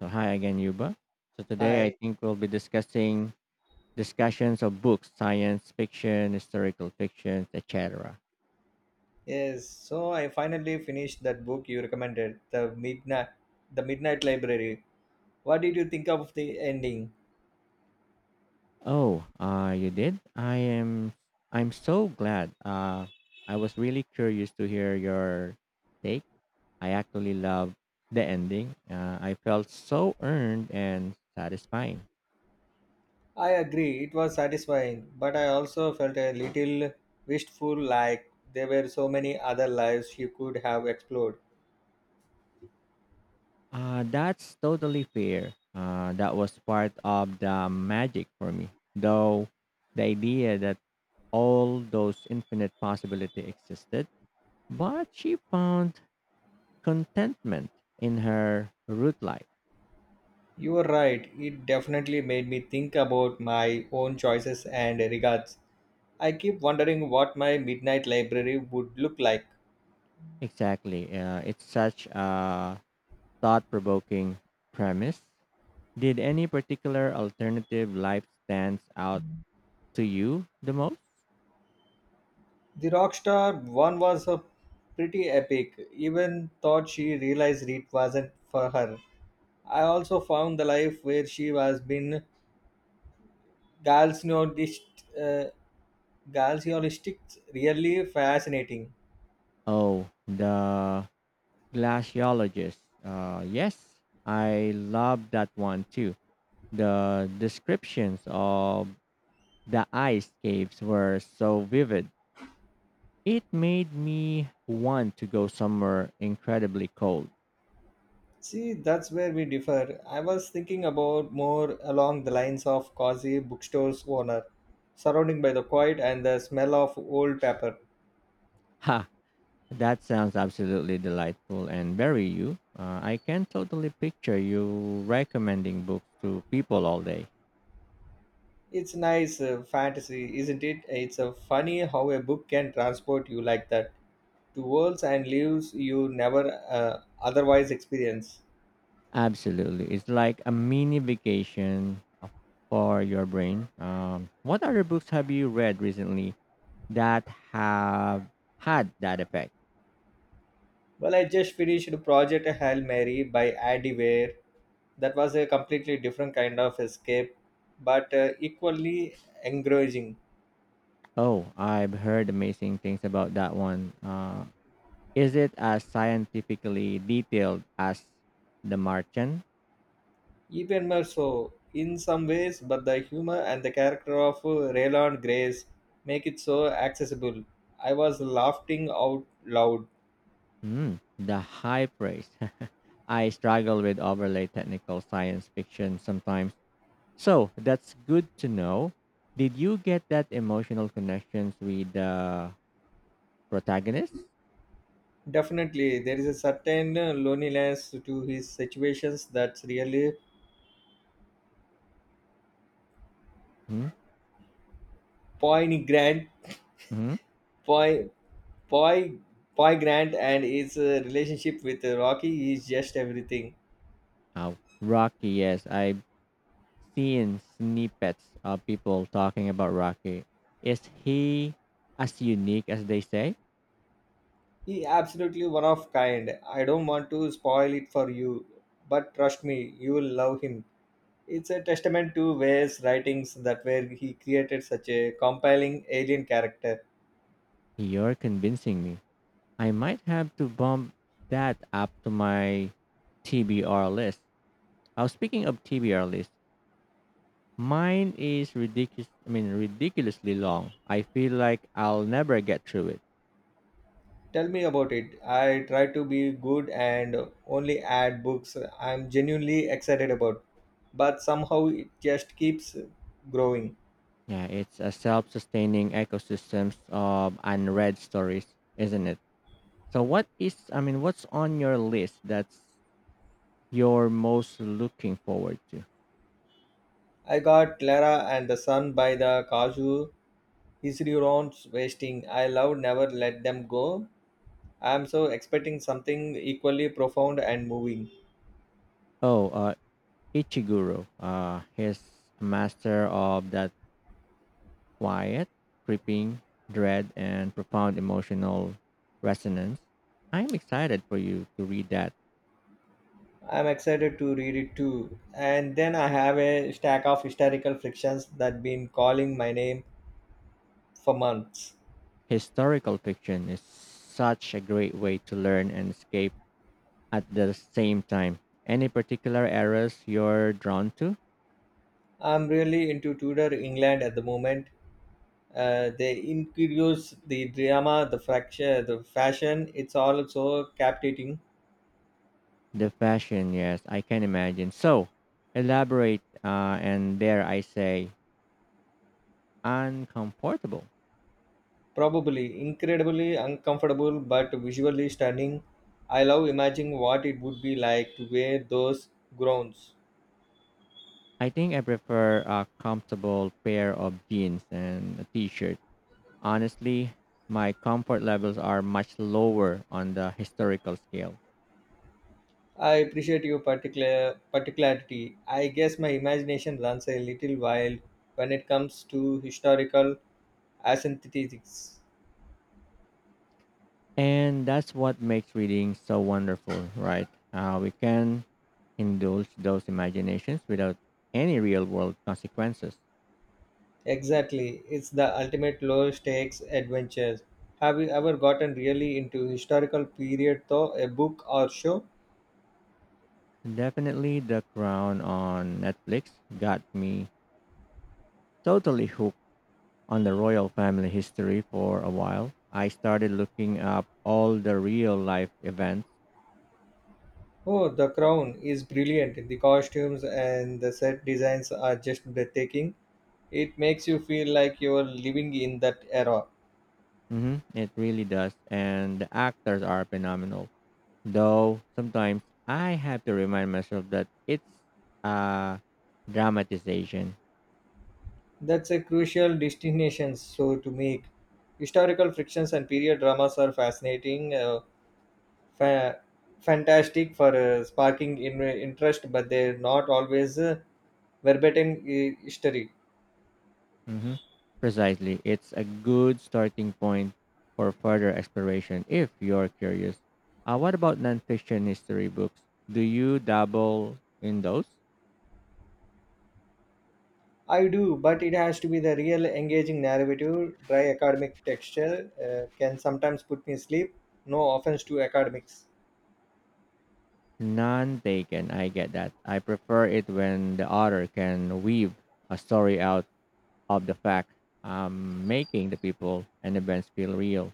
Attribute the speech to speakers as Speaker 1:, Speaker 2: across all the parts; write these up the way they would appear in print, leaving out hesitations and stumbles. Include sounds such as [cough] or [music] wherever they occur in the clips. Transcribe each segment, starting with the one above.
Speaker 1: So hi again, Yuba. So today I
Speaker 2: Hi.
Speaker 1: think we'll be discussing discussions of books, science fiction, historical fiction, etc.
Speaker 2: Yes, so I finally finished that book you recommended, The Midnight The Midnight Library. What did you think of the ending?
Speaker 1: Oh, you did? I am. I'm so glad. I was really curious to hear your take. I actually love the ending. I felt so earned and satisfying.
Speaker 2: I agree, it was satisfying, but I also felt a little wistful like there were so many other lives you could have explored.
Speaker 1: That's totally fair. That was part of the magic for me, though the idea that all those infinite possibility existed, but she found contentment in her root life.
Speaker 2: You were right, it definitely made me think about my own choices and regards. I keep wondering what my midnight library would look like.
Speaker 1: Exactly. It's such a thought provoking premise. Did any particular alternative life stands out to you the most?
Speaker 2: The Rockstar one was a pretty epic. Even thought she realized it wasn't for her. I also found the life where she was been Galsneodist uh, Galsneodistic really fascinating.
Speaker 1: Oh, the glaciologist. Yes, I love that one too. The descriptions of the ice caves were so vivid. It made me want to go somewhere incredibly cold.
Speaker 2: See, that's where we differ. I was thinking about more along the lines of cozy bookstore's owner, surrounding by the quiet and the smell of old paper.
Speaker 1: Ha! That sounds absolutely delightful and very you. I can totally picture you recommending books to people all day.
Speaker 2: It's nice fantasy, isn't it? It's a funny how a book can transport you like that to worlds and lives you never otherwise experience.
Speaker 1: Absolutely. It's like a mini vacation for your brain. What other books have you read recently that have had that effect?
Speaker 2: Well, I just finished Project Hail Mary by Andy Weir. That was a completely different kind of escape, but equally engrossing.
Speaker 1: Oh, I've heard amazing things about that one. Is it as scientifically detailed as The Martian?
Speaker 2: Even more so in some ways, but the humor and the character of Raylan Grace make it so accessible. I was laughing out loud.
Speaker 1: Hmm, the high praise. [laughs] I struggle with overlay technical science fiction sometimes. So that's good to know. Did you get that emotional connections with the protagonist?
Speaker 2: Definitely, there is a certain loneliness to his situations that's really poignant,
Speaker 1: Mm-hmm.
Speaker 2: poi, poi, poignant, and his relationship with Rocky is just everything.
Speaker 1: Oh, Rocky, yes. I've seen snippets of people talking about Rocky. Is he as unique as they say?
Speaker 2: He absolutely one of kind. I don't want to spoil it for you, but trust me, you will love him. It's a testament to Way's writings that where he created such a compelling alien character.
Speaker 1: You're convincing me. I might have to bump that up to my TBR list. Oh, speaking of TBR list, mine is ridiculous. I mean, ridiculously long. I feel like I'll never get through it.
Speaker 2: Tell me about it. I try to be good and only add books I'm genuinely excited about, but somehow it just keeps growing.
Speaker 1: Yeah, it's a self-sustaining ecosystems of unread stories, isn't it? So, what is? I mean, what's on your list that's you're most looking forward to?
Speaker 2: I got Clara and the Sun by the Kazu Histriorons Wasting. I love Never Let Them Go. I'm so expecting something equally profound and moving.
Speaker 1: Oh, Ichiguro. He's a master of that quiet, creeping, dread, and profound emotional resonance. I'm excited for you to read that.
Speaker 2: I'm excited to read it too. And then I have a stack of historical fictions that been calling my name for months.
Speaker 1: Historical fiction is such a great way to learn and escape at the same time. Any particular eras you're drawn to?
Speaker 2: I'm really into Tudor England at the moment. The interiors, the drama, the fracture, the fashion, it's all so captivating.
Speaker 1: The fashion, yes, I can imagine. So, elaborate, and dare I say, uncomfortable.
Speaker 2: Probably incredibly uncomfortable, but visually stunning. I love imagining what it would be like to wear those gowns.
Speaker 1: I think I prefer a comfortable pair of jeans and a t shirt. Honestly, my comfort levels are much lower on the historical scale.
Speaker 2: I appreciate your particularity. I guess my imagination runs a little wild when it comes to historical aesthetics.
Speaker 1: And that's what makes reading so wonderful, right? We can indulge those imaginations without any real world consequences.
Speaker 2: Exactly, it's the ultimate low stakes adventures. Have you ever gotten really into historical period though, a book or show?
Speaker 1: Definitely, The Crown on Netflix got me totally hooked on the royal family history for a while. I started looking up all the real life events.
Speaker 2: Oh, The Crown is brilliant. The costumes and the set designs are just breathtaking. It makes you feel like you're living in that era.
Speaker 1: Hmm, it really does. And the actors are phenomenal, though sometimes I have to remind myself that it's a dramatization.
Speaker 2: That's a crucial distinction so to make. Historical frictions and period dramas are fa- fantastic for sparking interest, but they're not always. Verbatim history.
Speaker 1: Hmm. Precisely. It's a good starting point for further exploration if you're curious. What about nonfiction history books? Do you dabble in those?
Speaker 2: I do, but it has to be the real engaging narrative. Dry academic texture can sometimes put me asleep. No offense to academics.
Speaker 1: None taken. I get that. I prefer it when the author can weave a story out of the fact, making the people and events feel real.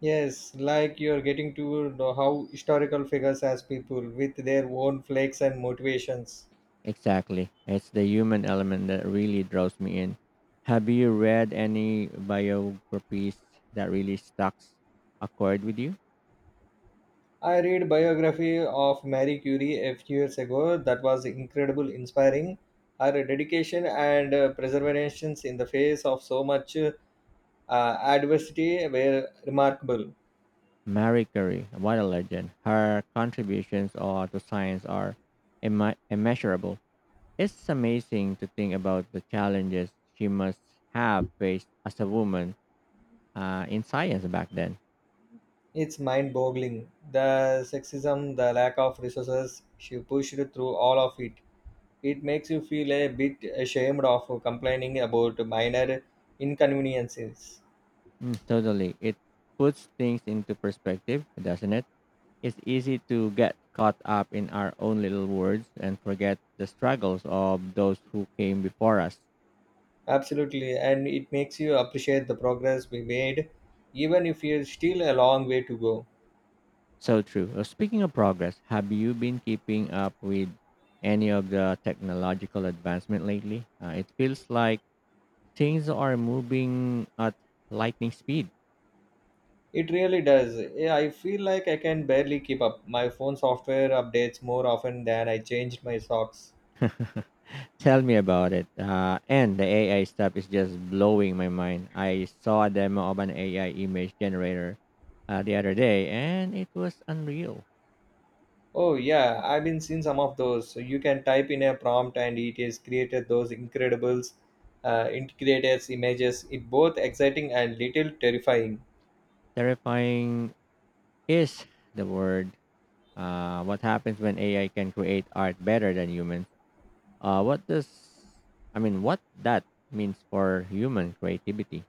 Speaker 2: Yes, like you're getting to know how historical figures as people with their own flakes and motivations.
Speaker 1: Exactly. It's the human element that really draws me in. Have you read any biographies that really stuck a chord with you?
Speaker 2: I read biography of Marie Curie a few years ago that was incredible inspiring. Her dedication and perseverance in the face of so much adversity were remarkable.
Speaker 1: Marie Curie, what a legend. Her contributions to science are immeasurable. It's amazing to think about the challenges she must have faced as a woman in science back then.
Speaker 2: It's mind boggling. The sexism, the lack of resources she pushed through all of it. It makes you feel a bit ashamed of complaining about minor inconveniences.
Speaker 1: Mm, totally. It puts things into perspective, doesn't it? It's easy to get caught up in our own little worlds and forget the struggles of those who came before us.
Speaker 2: Absolutely, and it makes you appreciate the progress we made, even if you're still a long way to go.
Speaker 1: So true. Speaking of progress, have you been keeping up with any of the technological advancement lately? It feels like things are moving at lightning speed.
Speaker 2: It really does. Yeah, I feel like I can barely keep up. My phone software updates more often than I change my socks.
Speaker 1: [laughs] Tell me about it. And the AI stuff is just blowing my mind. I saw a demo of an AI image generator the other day, and it was unreal.
Speaker 2: Oh yeah, I've been seeing some of those. So you can type in a prompt and it has created those integrated images. It both exciting and little terrifying.
Speaker 1: Terrifying is the word. What happens when AI can create art better than humans? What does I mean? What that means for human creativity?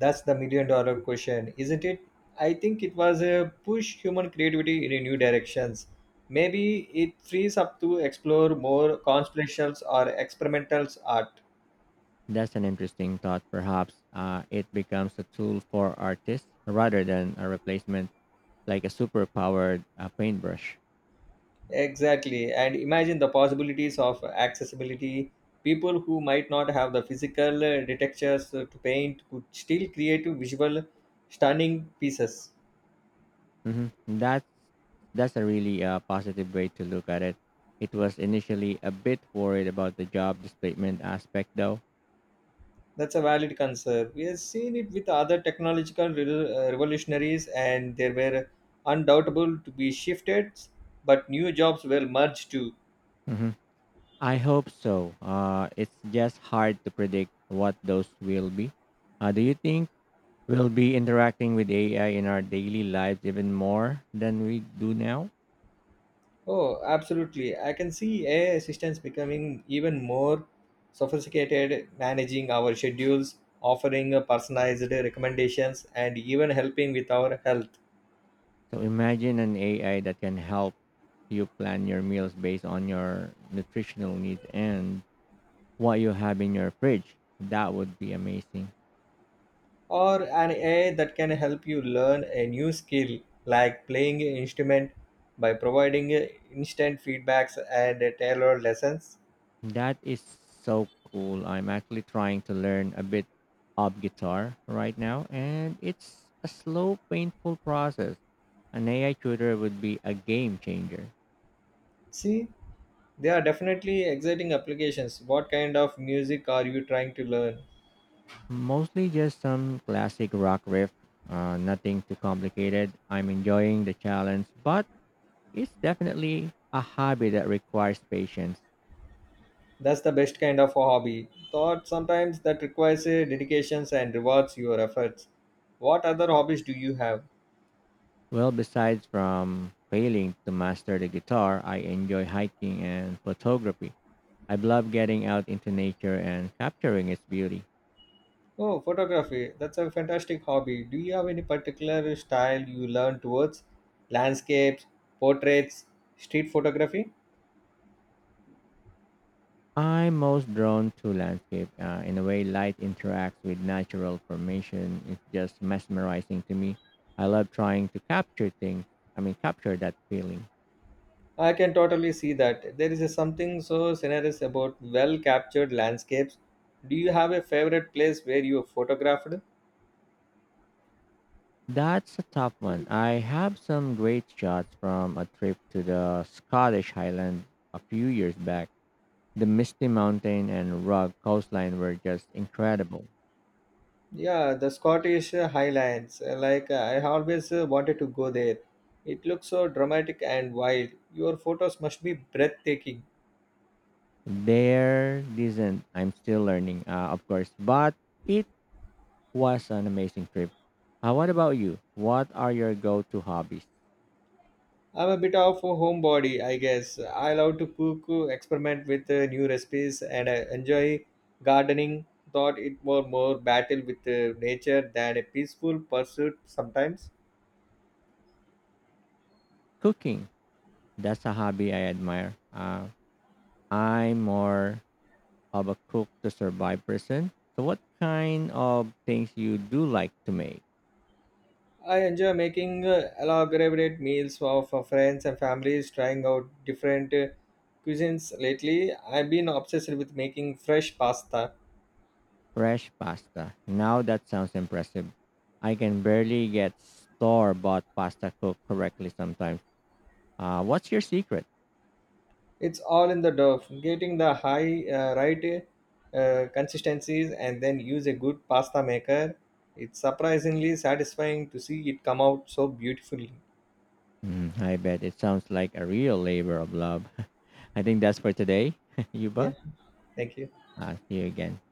Speaker 2: That's the million dollar question, isn't it? I think it was a push human creativity in a new directions. Maybe it frees up to explore more conspirations or experimental art.
Speaker 1: That's an interesting thought. Perhaps it becomes a tool for artists rather than a replacement, like a superpowered paintbrush.
Speaker 2: Exactly. And imagine the possibilities of accessibility. People who might not have the physical detectors to paint could still create visual, stunning pieces.
Speaker 1: Hmm, that's a really positive way to look at it. It was initially a bit worried about the job displacement aspect, though.
Speaker 2: That's a valid concern. We have seen it with other technological revolutionaries, and there were undoubtable to be shifted, but new jobs were merged too.
Speaker 1: Mhm. I hope so. It's just hard to predict what those will be. Do you think we'll be interacting with AI in our daily lives even more than we do now?
Speaker 2: Oh, absolutely. I can see AI assistants becoming even more sophisticated, managing our schedules, offering personalized recommendations, and even helping with our health.
Speaker 1: So imagine an AI that can help you plan your meals based on your nutritional needs and what you have in your fridge. That would be amazing.
Speaker 2: Or an AI that can help you learn a new skill like playing an instrument by providing instant feedbacks and tailored lessons.
Speaker 1: That is so cool. I'm actually trying to learn a bit of guitar right now, and it's a slow, painful process. An AI tutor would be a game changer.
Speaker 2: See, they are definitely exciting applications. What kind of music are you trying to learn?
Speaker 1: Mostly just some classic rock riff, nothing too complicated. I'm enjoying the challenge, but it's definitely a hobby that requires patience.
Speaker 2: That's the best kind of a hobby. Thought sometimes that requires a dedications and rewards your efforts. What other hobbies do you have?
Speaker 1: Well, besides from failing to master the guitar, I enjoy hiking and photography. I love getting out into nature and capturing its beauty.
Speaker 2: Oh, photography. That's a fantastic hobby. Do you have any particular style you learn towards? Landscapes, portraits, street photography?
Speaker 1: I'm most drawn to landscape. In a way, light interacts with natural formation. It's just mesmerizing to me. I love trying to capture things. I mean, capture that feeling.
Speaker 2: I can totally see that. There is a something so generous about well captured landscapes. Do you have a favorite place where you photographed?
Speaker 1: That's a tough one. I have some great shots from a trip to the Scottish Highland a few years back. The misty mountain and rugged coastline were just incredible.
Speaker 2: Yeah, the Scottish Highlands. Like I always wanted to go there. It looks so dramatic and wild. Your photos must be breathtaking.
Speaker 1: They're decent. I'm still learning, of course, but it was an amazing trip. What about you? What are your go-to hobbies?
Speaker 2: I'm a bit of a homebody, I guess. I love to cook, experiment with new recipes, and I enjoy gardening. Thought it were more battle with nature than a peaceful pursuit sometimes.
Speaker 1: Cooking. That's a hobby I admire. I'm more of a cook to survive person. So what kind of things you do like to make?
Speaker 2: I enjoy making elaborate meals for friends and families, trying out different cuisines. Lately, I've been obsessed with making fresh pasta.
Speaker 1: Fresh pasta. Now that sounds impressive. I can barely get store-bought pasta cooked correctly sometimes. What's your secret?
Speaker 2: It's all in the dough, getting the high right consistencies, and then use a good pasta maker. It's surprisingly satisfying to see it come out so beautifully.
Speaker 1: Mm, I bet it sounds like a real labor of love. [laughs] I think that's for today. [laughs]
Speaker 2: Yeah,
Speaker 1: Yuba,
Speaker 2: thank you.
Speaker 1: I'll see you again.